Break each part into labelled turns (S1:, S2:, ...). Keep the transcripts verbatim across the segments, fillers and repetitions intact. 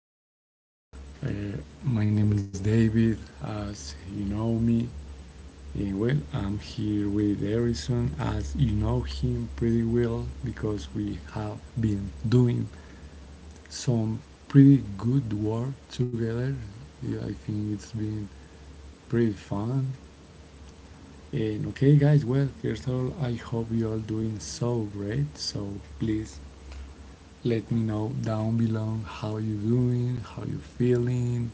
S1: podcast. Uh, my name is David, as you know me, and well, I'm here with Harrison, as you know him pretty well because we have been doing some pretty good work together. Yeah, I think it's been pretty fun. And okay, guys, well, first of all, I hope you are doing so great. So please let me know down below how you're doing, how you're feeling.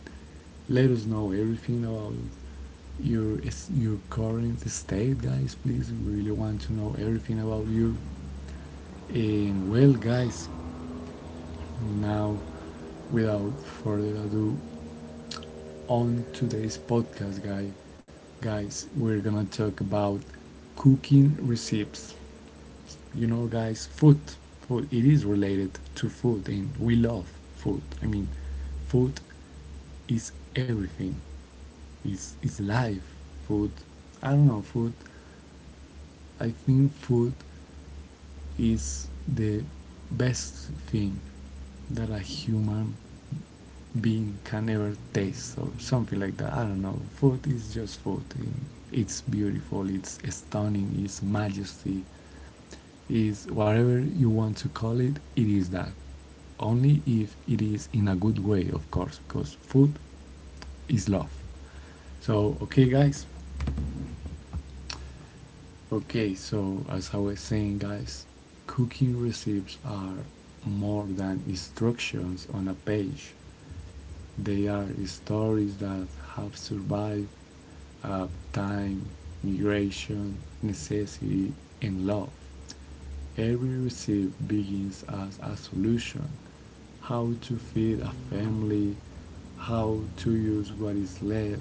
S1: Let us know everything about your your current state, guys. Please, we really want to know everything about you. And well, guys, now without further ado, on today's podcast, guys, guys, we're gonna talk about cooking recipes. You know, guys, food, food. It is related to food, and we love food. I mean, food is everything. Is is life. Food. I don't know. Food. I think food is the best thing that a human being can ever taste or something like that. I don't know. Food is just food. It's beautiful. It's stunning. It's majesty. Is whatever you want to call it. It is that. Only if it is in a good way, of course, because food is love. So, okay, guys. Okay, so as I was saying, guys, cooking recipes are more than instructions on a page. They are stories that have survived uh, time, migration, necessity, and love. Every recipe begins as a solution: how to feed a family, how to use what is left,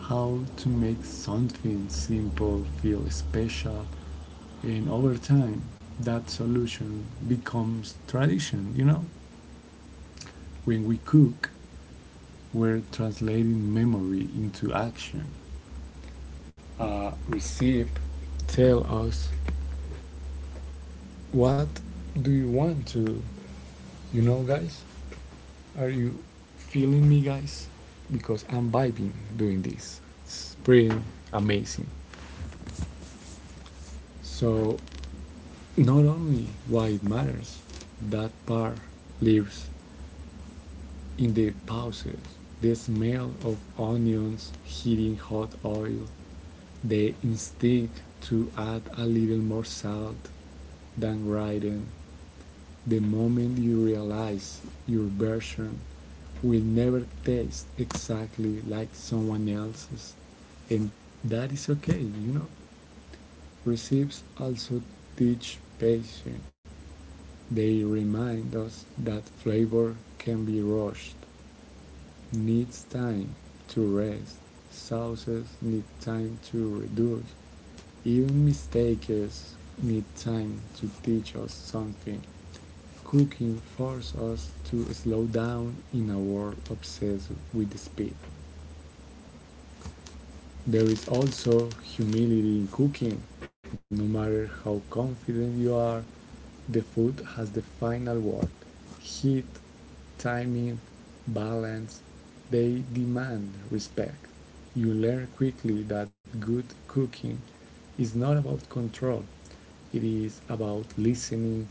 S1: how to make something simple feel special, and over time, that solution becomes tradition, you know? When we cook, we're translating memory into action. A recipe tell us what do you want to, you know, guys? Are you feeling me, guys? Because I'm vibing doing this. It's pretty amazing. So, not only why it matters, that part lives in the pauses, the smell of onions heating hot oil, the instinct to add a little more salt than writing. The moment you realize your version will never taste exactly like someone else's, and that is okay, you know. Recipes also teach patience. They remind us that flavor can be rushed needs time to rest. Sauces need time to reduce. Even mistakes need time to teach us something. Cooking forces us to slow down in a world obsessed with speed. There is also humility in cooking. No matter how confident you are, the food has the final word. Heat, timing, balance, they demand respect. You learn quickly that good cooking is not about control, it is about listening,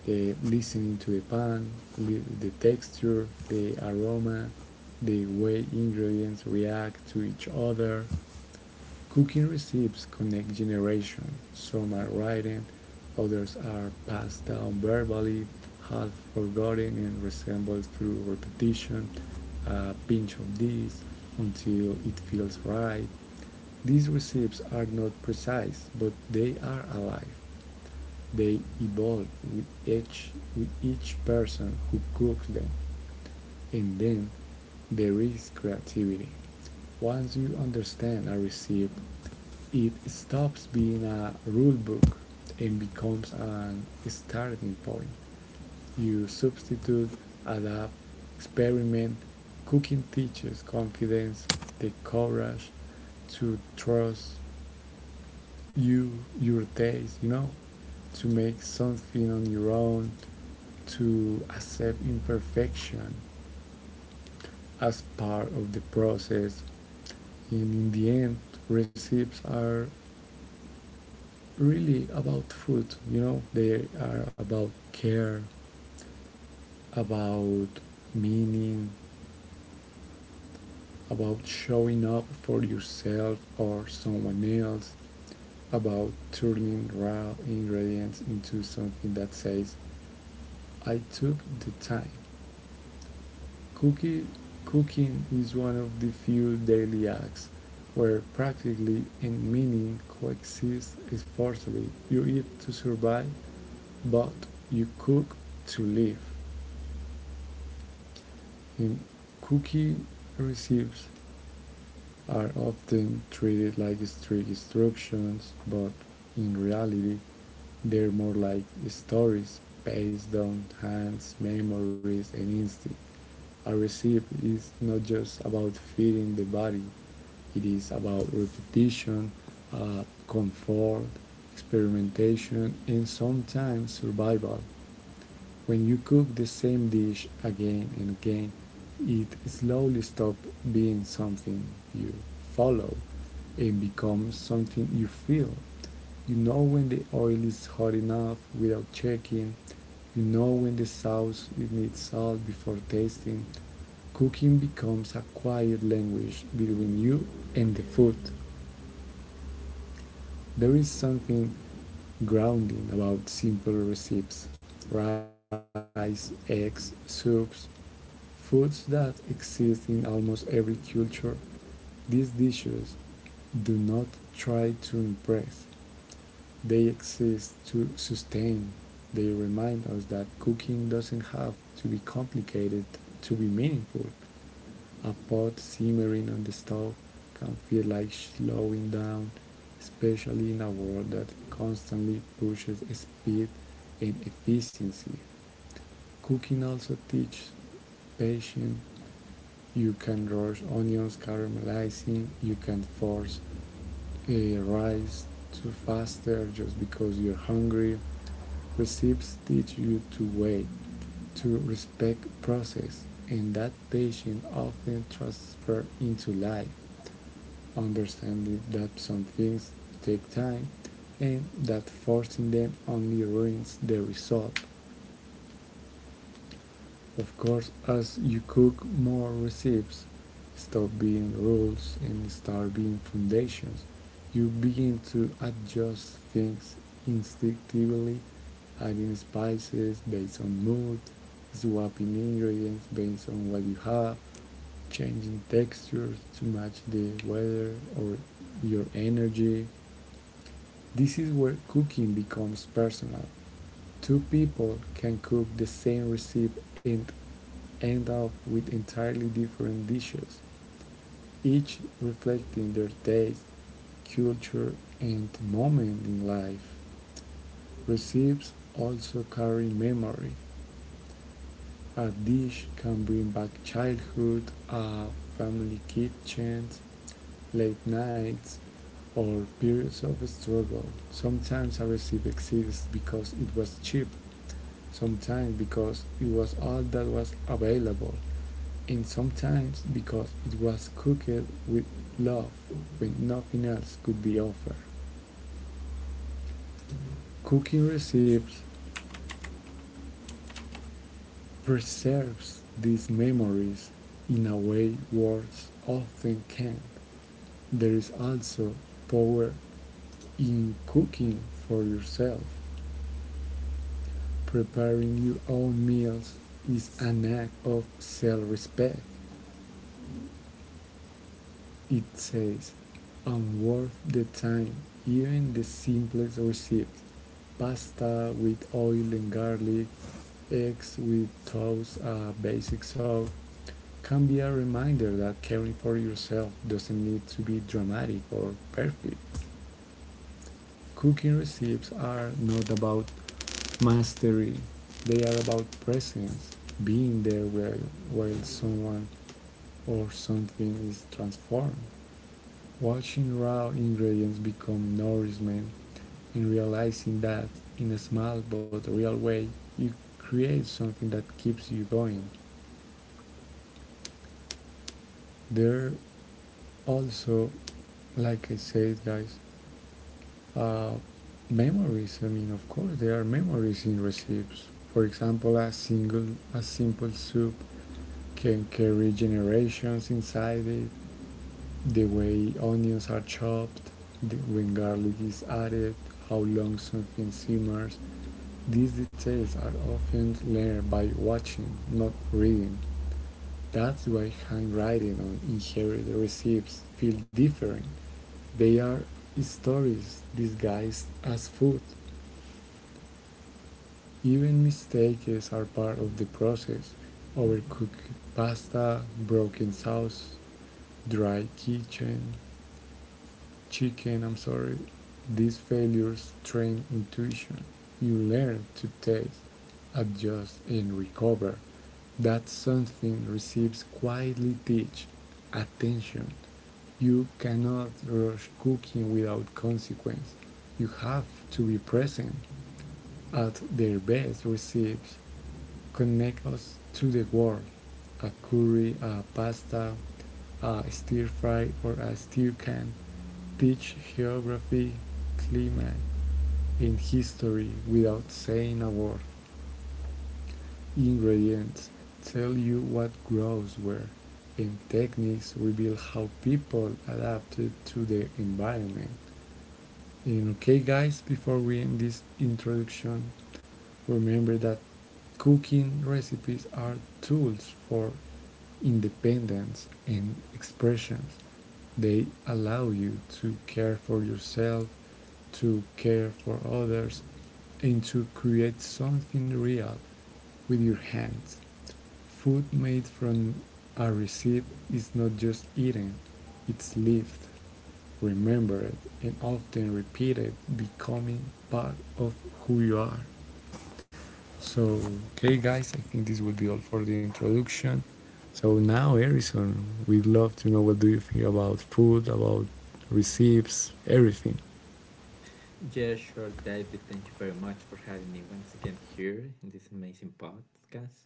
S1: the listening to the pan, the texture, the aroma, the way ingredients react to each other. Cooking recipes connect generations. Some are written, others are passed down verbally, half forgotten and resembled through repetition, a pinch of this until it feels right. These recipes are not precise, but they are alive. They evolve with each with each person who cooks them, and then there is creativity. Once you understand a recipe, it stops being a rulebook and becomes an starting point. You substitute, adapt, experiment. Cooking teaches confidence, the courage to trust you, your taste, you know, to make something on your own, to accept imperfection as part of the process. And in the end, recipes are really about food, you know. They are about care, about meaning, about showing up for yourself or someone else, about turning raw ingredients into something that says, I took the time. Cookie, Cooking is one of the few daily acts where practically and meaning coexist forcefully. You eat to survive, but you cook to live. The Cookie recipes are often treated like strict instructions, but in reality, they're more like stories based on hands, memories, and instinct. A recipe is not just about feeding the body, it is about repetition, uh, comfort, experimentation, and sometimes survival. When you cook the same dish again and again, it slowly stops being something you follow and becomes something you feel. You know when the oil is hot enough without checking. You know when the sauce needs salt before tasting. Cooking becomes a quiet language between you and the food. There is something grounding about simple recipes: rice, eggs, soups. Foods that exist in almost every culture, these dishes do not try to impress. They exist to sustain. They remind us that cooking doesn't have to be complicated to be meaningful. A pot simmering on the stove can feel like slowing down, especially in a world that constantly pushes speed and efficiency. Cooking also teaches patience. You can roast onions caramelizing. You can force a rice to faster just because you're hungry. Recipes teach you to wait, to respect process, and that patience often transfers into life. Understanding that some things take time and that forcing them only ruins the result. Of course, as you cook more recipes, stop being rules and start being foundations, you begin to adjust things instinctively, adding spices based on mood, swapping ingredients based on what you have, changing textures to match the weather or your energy. This is where cooking becomes personal. Two people can cook the same recipe and end up with entirely different dishes, each reflecting their taste, culture, and moment in life. Recipes also carry memory. A dish can bring back childhood, uh, family kitchens, late nights, or periods of struggle. Sometimes a recipe exists because it was cheap, sometimes because it was all that was available, and sometimes because it was cooked with love when nothing else could be offered. Cooking recipes preserves these memories in a way words often can't. There is also power in cooking for yourself. Preparing your own meals is an act of self respect. It says, "I'm worth the time," even the simplest receipt. Pasta with oil and garlic, eggs with toast, a basic sauce, can be a reminder that caring for yourself doesn't need to be dramatic or perfect. Cooking recipes are not about mastery, they are about presence, being there while, while someone or something is transformed. Watching raw ingredients become nourishment and realizing that, in a small but real way, you create something that keeps you going. There also, like I said, guys, uh, memories. I mean, of course, there are memories in recipes. For example, a single, a simple soup can carry generations inside it. The way onions are chopped, the, when garlic is added, how long something simmers. These details are often learned by watching, not reading. That's why handwriting and inherited recipes feel different. They are stories disguised as food. Even mistakes are part of the process. Overcooked pasta, broken sauce, dry kitchen, chicken, I'm sorry. These failures train intuition. You learn to taste, adjust, and recover. That something receives quietly teach attention. You cannot rush cooking without consequence. You have to be present. At their best, recipes connect us to the world. A curry, a pasta, a stir fry, or a stew can teach geography, climate, and history without saying a word. Ingredients tell you what grows where, and techniques reveal how people adapted to the environment. And okay, guys, before we end this introduction, remember that cooking recipes are tools for independence and expressions. They allow you to care for yourself, to care for others, and to create something real with your hands. Food made from a receipt is not just eaten, it's lived, remembered, and often repeated, becoming part of who you are. So, okay, guys, I think this would be all for the introduction. So now, Harrison, we'd love to know what do you think about food, about receipts, everything.
S2: Yeah, sure, David. Thank you very much for having me once again here in this amazing podcast,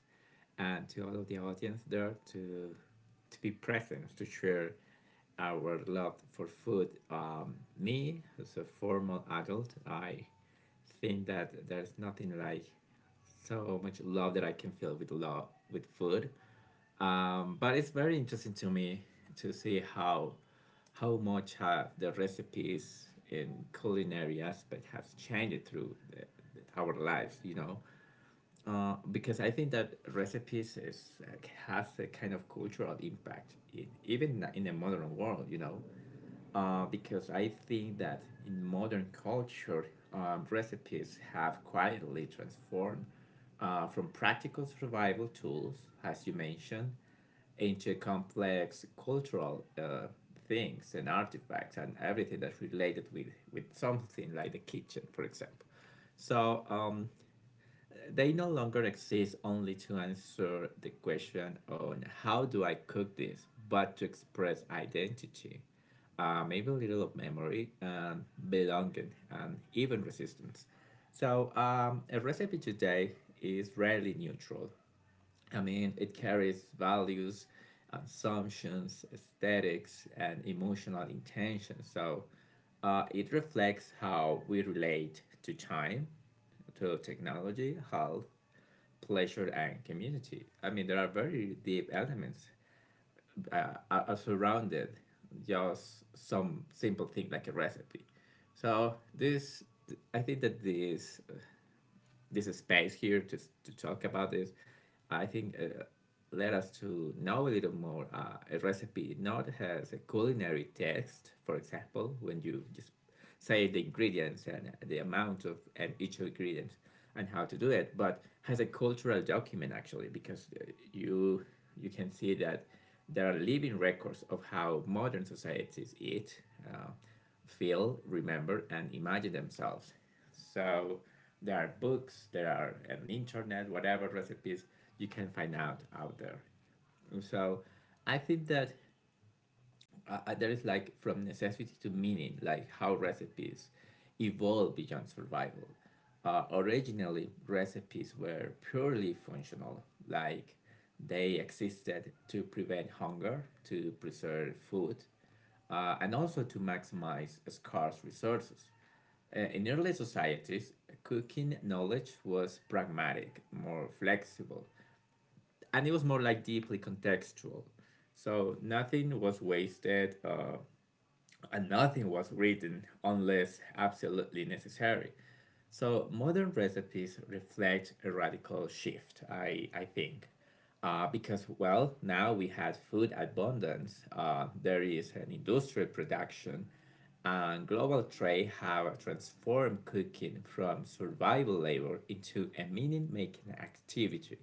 S2: and to all of the audience there to to be present to share our love for food. Um, me as a formal adult, I think that there's nothing like so much love that I can feel with love with food, um, but it's very interesting to me to see how how much have the recipes in culinary aspect has changed through the, the, our lives. You know, uh, because I think that recipes is uh, has a kind of cultural impact in, even in the modern world. You know, uh, because I think that in modern culture, um, recipes have quietly transformed uh, from practical survival tools, as you mentioned, into complex cultural uh, things and artifacts and everything that's related with, with something like the kitchen, for example. So um, they no longer exist only to answer the question on how do I cook this, but to express identity, uh, maybe a little of memory, and belonging, and even resistance. So um, a recipe today is rarely neutral. I mean, it carries values, assumptions, aesthetics, and emotional intention. So uh, it reflects how we relate to time, to technology, health, pleasure and community. I mean, there are very deep elements uh, are are surrounded just some simple thing like a recipe. So this, I think that this this space here to, to talk about this. I think uh, led us to know a little more uh, a recipe, not as a culinary text, for example, when you just say the ingredients and the amount of and each ingredient and how to do it, but has a cultural document actually because uh, you you can see that there are living records of how modern societies eat, uh, feel, remember, and imagine themselves. So there are books, there are an internet, whatever recipes you can find out out there. So I think that uh, uh, there is like from necessity to meaning, like how recipes evolve beyond survival. Uh, originally, recipes were purely functional, like they existed to prevent hunger, to preserve food, uh, and also to maximize scarce resources. Uh, in early societies, cooking knowledge was pragmatic, more flexible, and it was more like deeply contextual. So nothing was wasted, uh, and nothing was written unless absolutely necessary. So modern recipes reflect a radical shift, I, I think. Uh, because, well, now we had food abundance, uh, there is an industrial production, and global trade have transformed cooking from survival labor into a meaning making activity.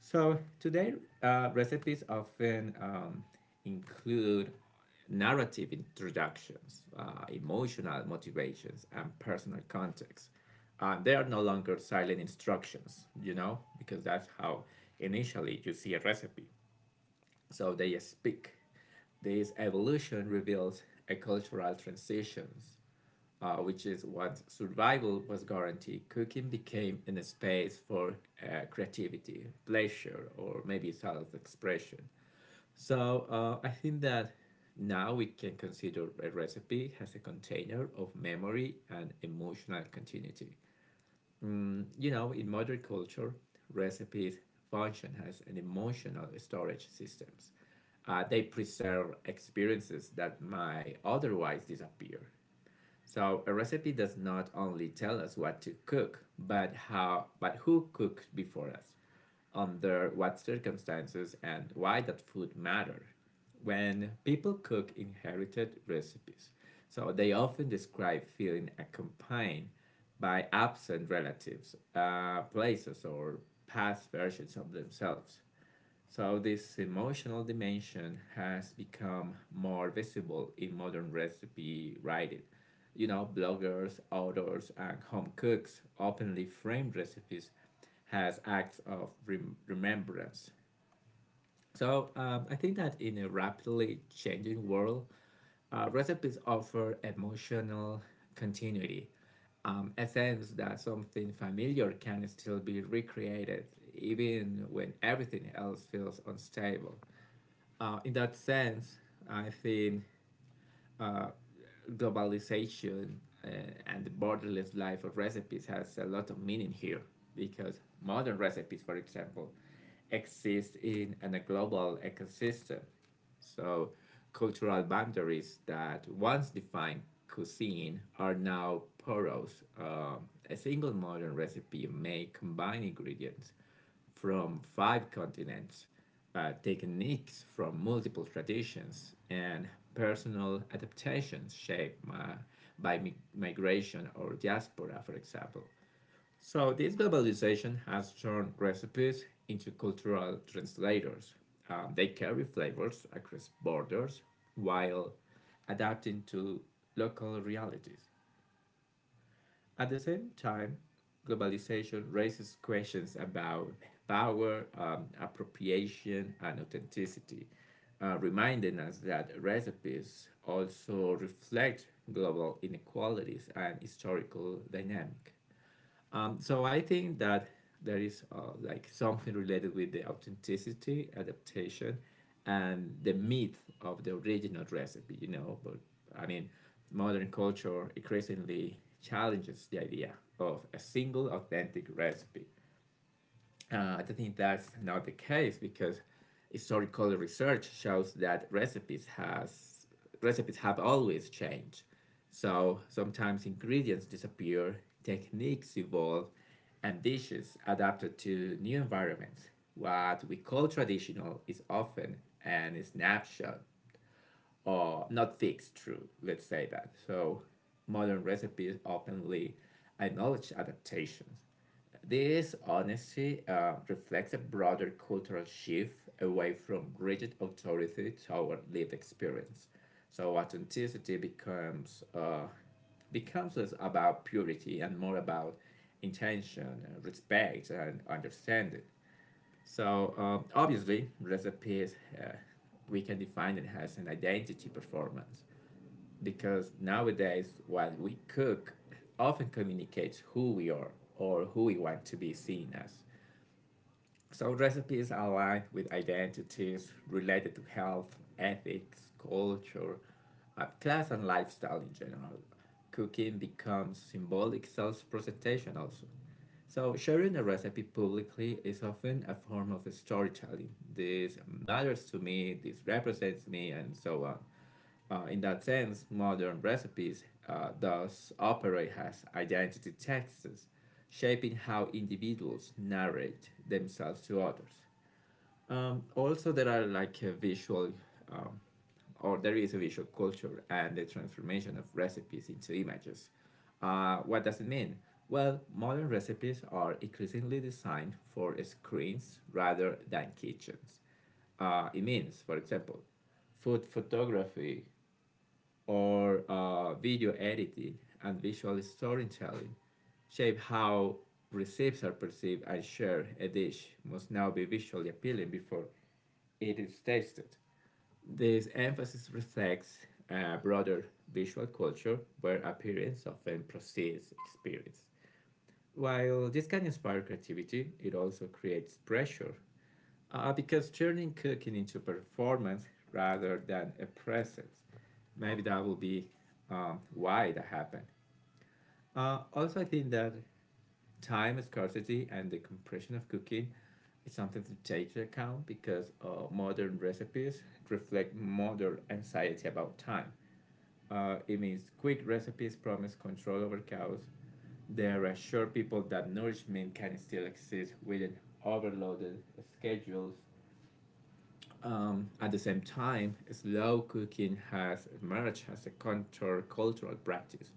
S2: So today, uh, recipes often um, include narrative introductions, uh, emotional motivations, and personal context. Uh, they are no longer silent instructions, you know, because that's how initially you see a recipe. So they speak. This evolution reveals a cultural transitions uh, which is what survival was guaranteed, cooking became a space for uh, creativity, pleasure, or maybe self expression. So uh, I think that now we can consider a recipe as a container of memory and emotional continuity. You know, in modern culture, recipes function as an emotional storage systems. Uh, they preserve experiences that might otherwise disappear. So a recipe does not only tell us what to cook, but how but who cooked before us, under what circumstances and why that food mattered. When people cook inherited recipes, so they often describe feeling accompanied by absent relatives, uh, places or past versions of themselves. So this emotional dimension has become more visible in modern recipe writing. You know, bloggers, authors, and home cooks openly frame recipes as acts of rem- remembrance. So um, I think that in a rapidly changing world, uh, recipes offer emotional continuity, um, a sense that something familiar can still be recreated even when everything else feels unstable. Uh, in that sense, I think uh, globalization uh, and the borderless life of recipes has a lot of meaning here because modern recipes, for example, exist in, in a global ecosystem. So, cultural boundaries that once defined cuisine are now porous. Um, a single modern recipe may combine ingredients from five continents, uh, techniques from multiple traditions, and personal adaptations shaped my, by mi- migration or diaspora, for example. So, this globalization has turned recipes into cultural translators. Um, they carry flavors across borders while adapting to local realities. At the same time, globalization raises questions about power, um, appropriation, and authenticity, uh, reminding us that recipes also reflect global inequalities and historical dynamic. Um, so I think that there is uh, like something related with the authenticity, adaptation, and the myth of the original recipe. You know, but I mean, modern culture increasingly challenges the idea of a single authentic recipe. uh, I think that's not the case because historical research shows that recipes has recipes have always changed. So sometimes ingredients disappear, techniques evolve, and dishes adapted to new environments. What we call traditional is often an snapshot or not fixed true, let's say that. So modern recipes openly acknowledge adaptations. This honesty uh, reflects a broader cultural shift away from rigid authority toward lived experience. So authenticity becomes uh, becomes less about purity and more about intention, uh, respect, and understanding. So um, obviously, recipes uh, we can define it as an identity performance because nowadays what we cook often communicates who we are or who we want to be seen as. So recipes are aligned with identities related to health, ethics, culture, uh, class, and lifestyle in general. Cooking becomes symbolic self-presentation also. So sharing a recipe publicly is often a form of storytelling. This matters to me, this represents me, and so on. Uh, in that sense, modern recipes uh, thus operate as identity texts, shaping how individuals narrate themselves to others. Um, also, there are like a visual, um, or there is a visual culture and the transformation of recipes into images. Uh, what does it mean? Well, modern recipes are increasingly designed for screens rather than kitchens. Uh, it means, for example, food photography or uh, video editing and visual storytelling shape how recipes are perceived and shared. A dish must now be visually appealing before it is tasted. This emphasis reflects a broader visual culture where appearance often precedes experience. While this can inspire creativity, it also creates pressure uh, because turning cooking into performance rather than a process, maybe that will be um, why that happened. Uh, also, I think that time scarcity and the compression of cooking is something to take into account because uh, modern recipes reflect modern anxiety about time. Uh, it means quick recipes promise control over chaos. They reassure people that nourishment can still exist within overloaded schedules. Um, at the same time, slow cooking has emerged as a counter-cultural practice,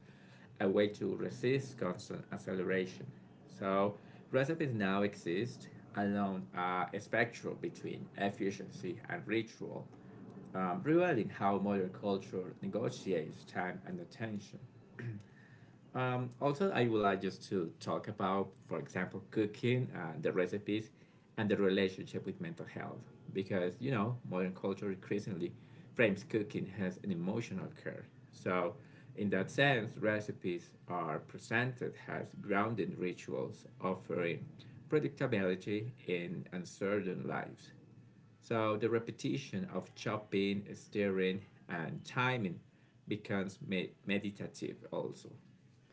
S2: a way to resist constant acceleration. So, recipes now exist along a spectrum between efficiency and ritual, um, revealing how modern culture negotiates time and attention. Um, also, I would like just to talk about, for example, cooking, uh, the recipes, and the relationship with mental health. Because, you know, modern culture increasingly frames cooking as an emotional care. So, in that sense, recipes are presented as grounded rituals offering predictability in uncertain lives. So, the repetition of chopping, stirring, and timing becomes me- meditative also.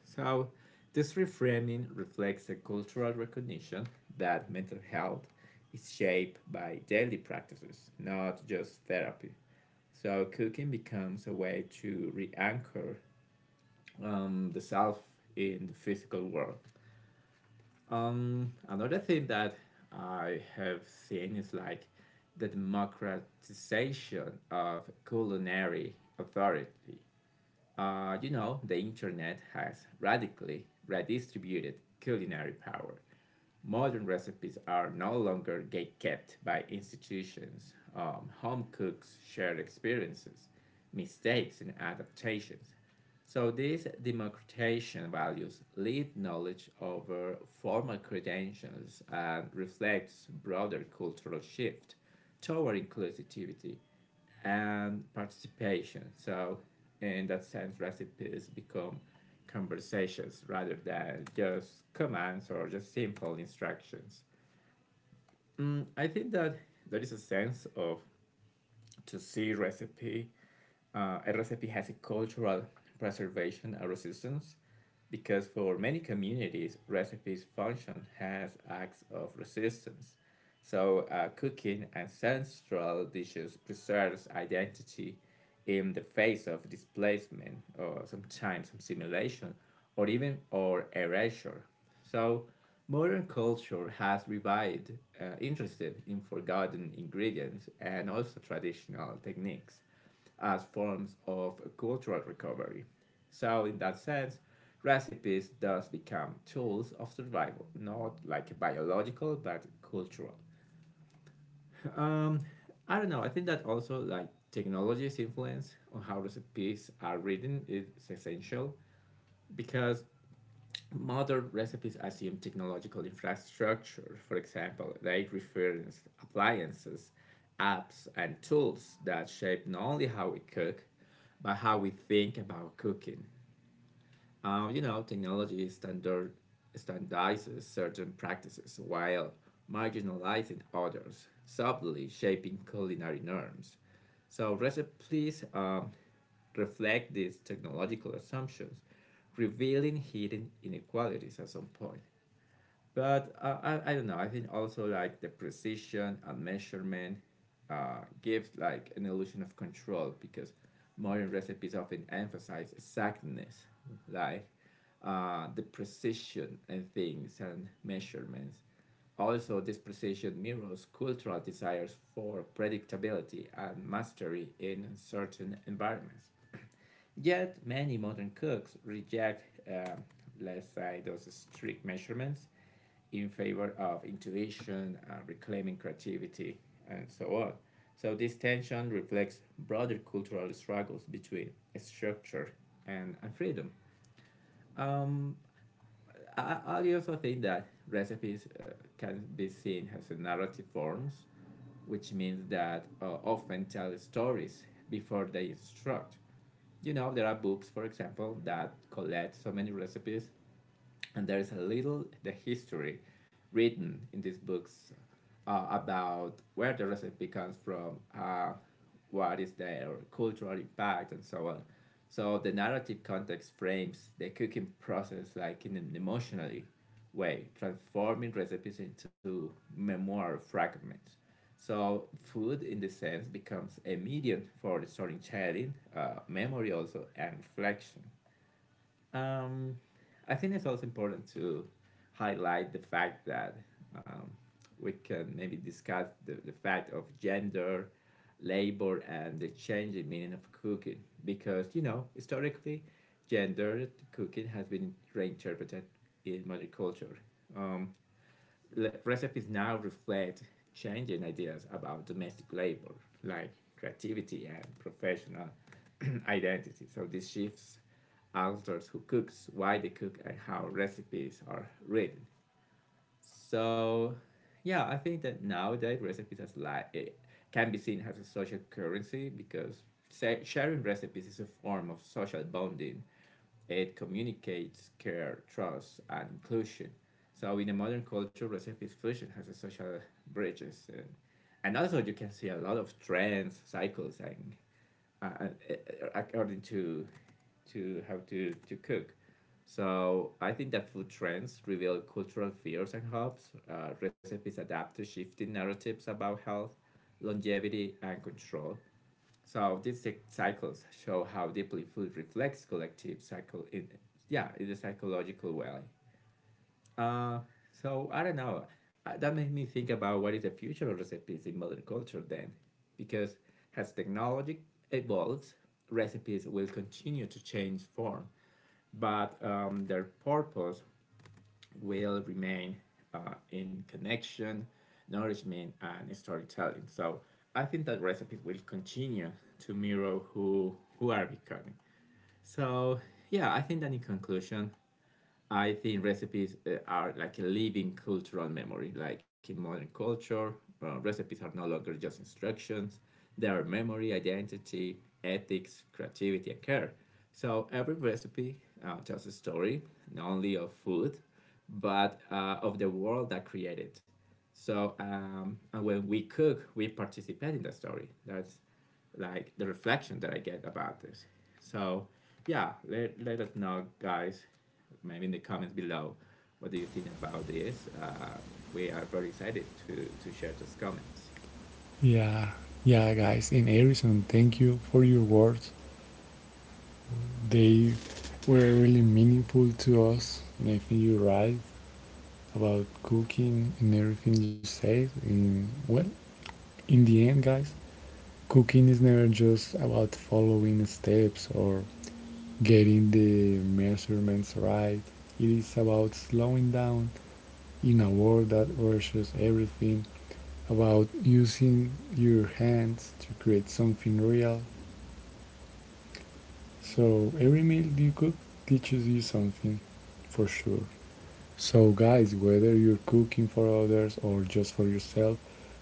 S2: So, this reframing reflects a cultural recognition that mental health is shaped by daily practices, not just therapy. So, cooking becomes a way to re anchor um, the self in the physical world. Um, another thing that I have seen is like the democratization of culinary authority. Uh, you know, the internet has radically redistributed culinary power. Modern recipes are no longer gatekept by institutions. Um, home cooks share experiences, mistakes, and adaptations. So these democratization values lead knowledge over formal credentials and reflects broader cultural shift toward inclusivity and participation. So, in that sense, recipes become conversations rather than just commands or just simple instructions. Mm, I think that there is a sense of to see recipe uh, a recipe has a cultural preservation and resistance because for many communities, recipes function as acts of resistance. So uh, cooking ancestral dishes preserves identity in the face of displacement or sometimes assimilation or even or erasure. So modern culture has revived uh, interest in forgotten ingredients and also traditional techniques as forms of cultural recovery. So, in that sense, recipes thus become tools of survival, not like biological but cultural. Um, I don't know. I think that also like technology's influence on how recipes are written is essential because modern recipes assume technological infrastructure, for example, they reference appliances, apps, and tools that shape not only how we cook, but how we think about cooking. Um, you know, technology standard, standardizes certain practices while marginalizing others, subtly shaping culinary norms. So recipes um, reflect these technological assumptions, revealing hidden inequalities at some point. But uh, I, I don't know, I think also like the precision and measurement uh, gives like an illusion of control because modern recipes often emphasize exactness, mm-hmm, like uh, the precision and things and measurements. Also, this precision mirrors cultural desires for predictability and mastery in certain environments. Yet, many modern cooks reject, um, let's say, those strict measurements in favor of intuition, uh, reclaiming creativity, and so on. So, this tension reflects broader cultural struggles between structure and, and freedom. Um, I, I also think that recipes uh, can be seen as narrative forms, which means that uh, often tell stories before they instruct. You know, there are books, for example, that collect so many recipes and there is a little the history written in these books uh, about where the recipe comes from, uh, what is their cultural impact, and so on. So the narrative context frames the cooking process like in an emotionally way, transforming recipes into memoir fragments. So food, in this sense, becomes a medium for storytelling, uh, memory also, and reflection. Um, I think it's also important to highlight the fact that um, we can maybe discuss the, the fact of gender, labor, and the changing meaning of cooking. Because, you know, historically, gendered cooking has been reinterpreted in modern culture. Um, recipes now reflect changing ideas about domestic labor, like creativity and professional identity. So these shifts alters who cooks, why they cook, and how recipes are written. So, yeah, I think that nowadays recipes as like it can be seen as a social currency because sharing recipes is a form of social bonding. It communicates care, trust, and inclusion. So in the modern culture, recipes fusion has a social bridges, and, and also you can see a lot of trends, cycles, and uh, uh, according to to how to to cook. So I think that food trends reveal cultural fears and hopes. Uh, recipes adapt to shifting narratives about health, longevity, and control. So these cycles show how deeply food reflects collective cycle in, yeah, in a psychological way. Uh, so I don't know. Uh, That made me think about what is the future of recipes in modern culture then, because as technology evolves, recipes will continue to change form, but um, their purpose will remain uh, in connection, nourishment, and storytelling. So I think that recipes will continue to mirror who who are becoming. So yeah, I think that in conclusion, I think recipes uh, are like a living cultural memory. Like in modern culture, uh, recipes are no longer just instructions, they are memory, identity, ethics, creativity, and care. So every recipe uh, tells a story, not only of food, but uh, of the world that created. It. So um, and when we cook, we participate in the story. That's like the reflection that I get about this. So yeah, let, let us know, guys, maybe in the comments below, what do you think about this? Uh, we are very excited to, to share those comments.
S1: Yeah, yeah, guys, and Harrison, thank you for your words. They were really meaningful to us, and I think you're right about cooking and everything you said. And well, in the end, guys, cooking is never just about following steps or getting the measurements right. It is about slowing down in a world that rushes everything, about using your hands to create something real. So every meal you cook teaches you something, for sure. So, guys, whether you're cooking for others or just for yourself,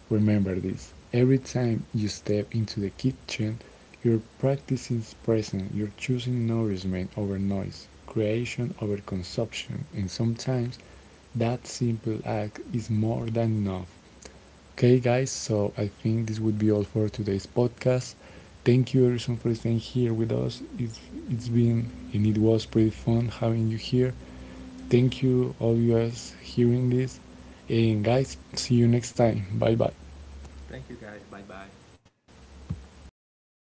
S1: remember this. Every time you step into the kitchen, you're practicing presence, you're choosing nourishment over noise, creation over consumption, and sometimes that simple act is more than enough. Okay, guys, so I think this would be all for today's podcast. Thank you, everyone, for staying here with us. It's, it's been and it was pretty fun having you here. Thank you all you guys hearing this. And guys, see you next time. Bye bye.
S2: Thank you guys. Bye bye.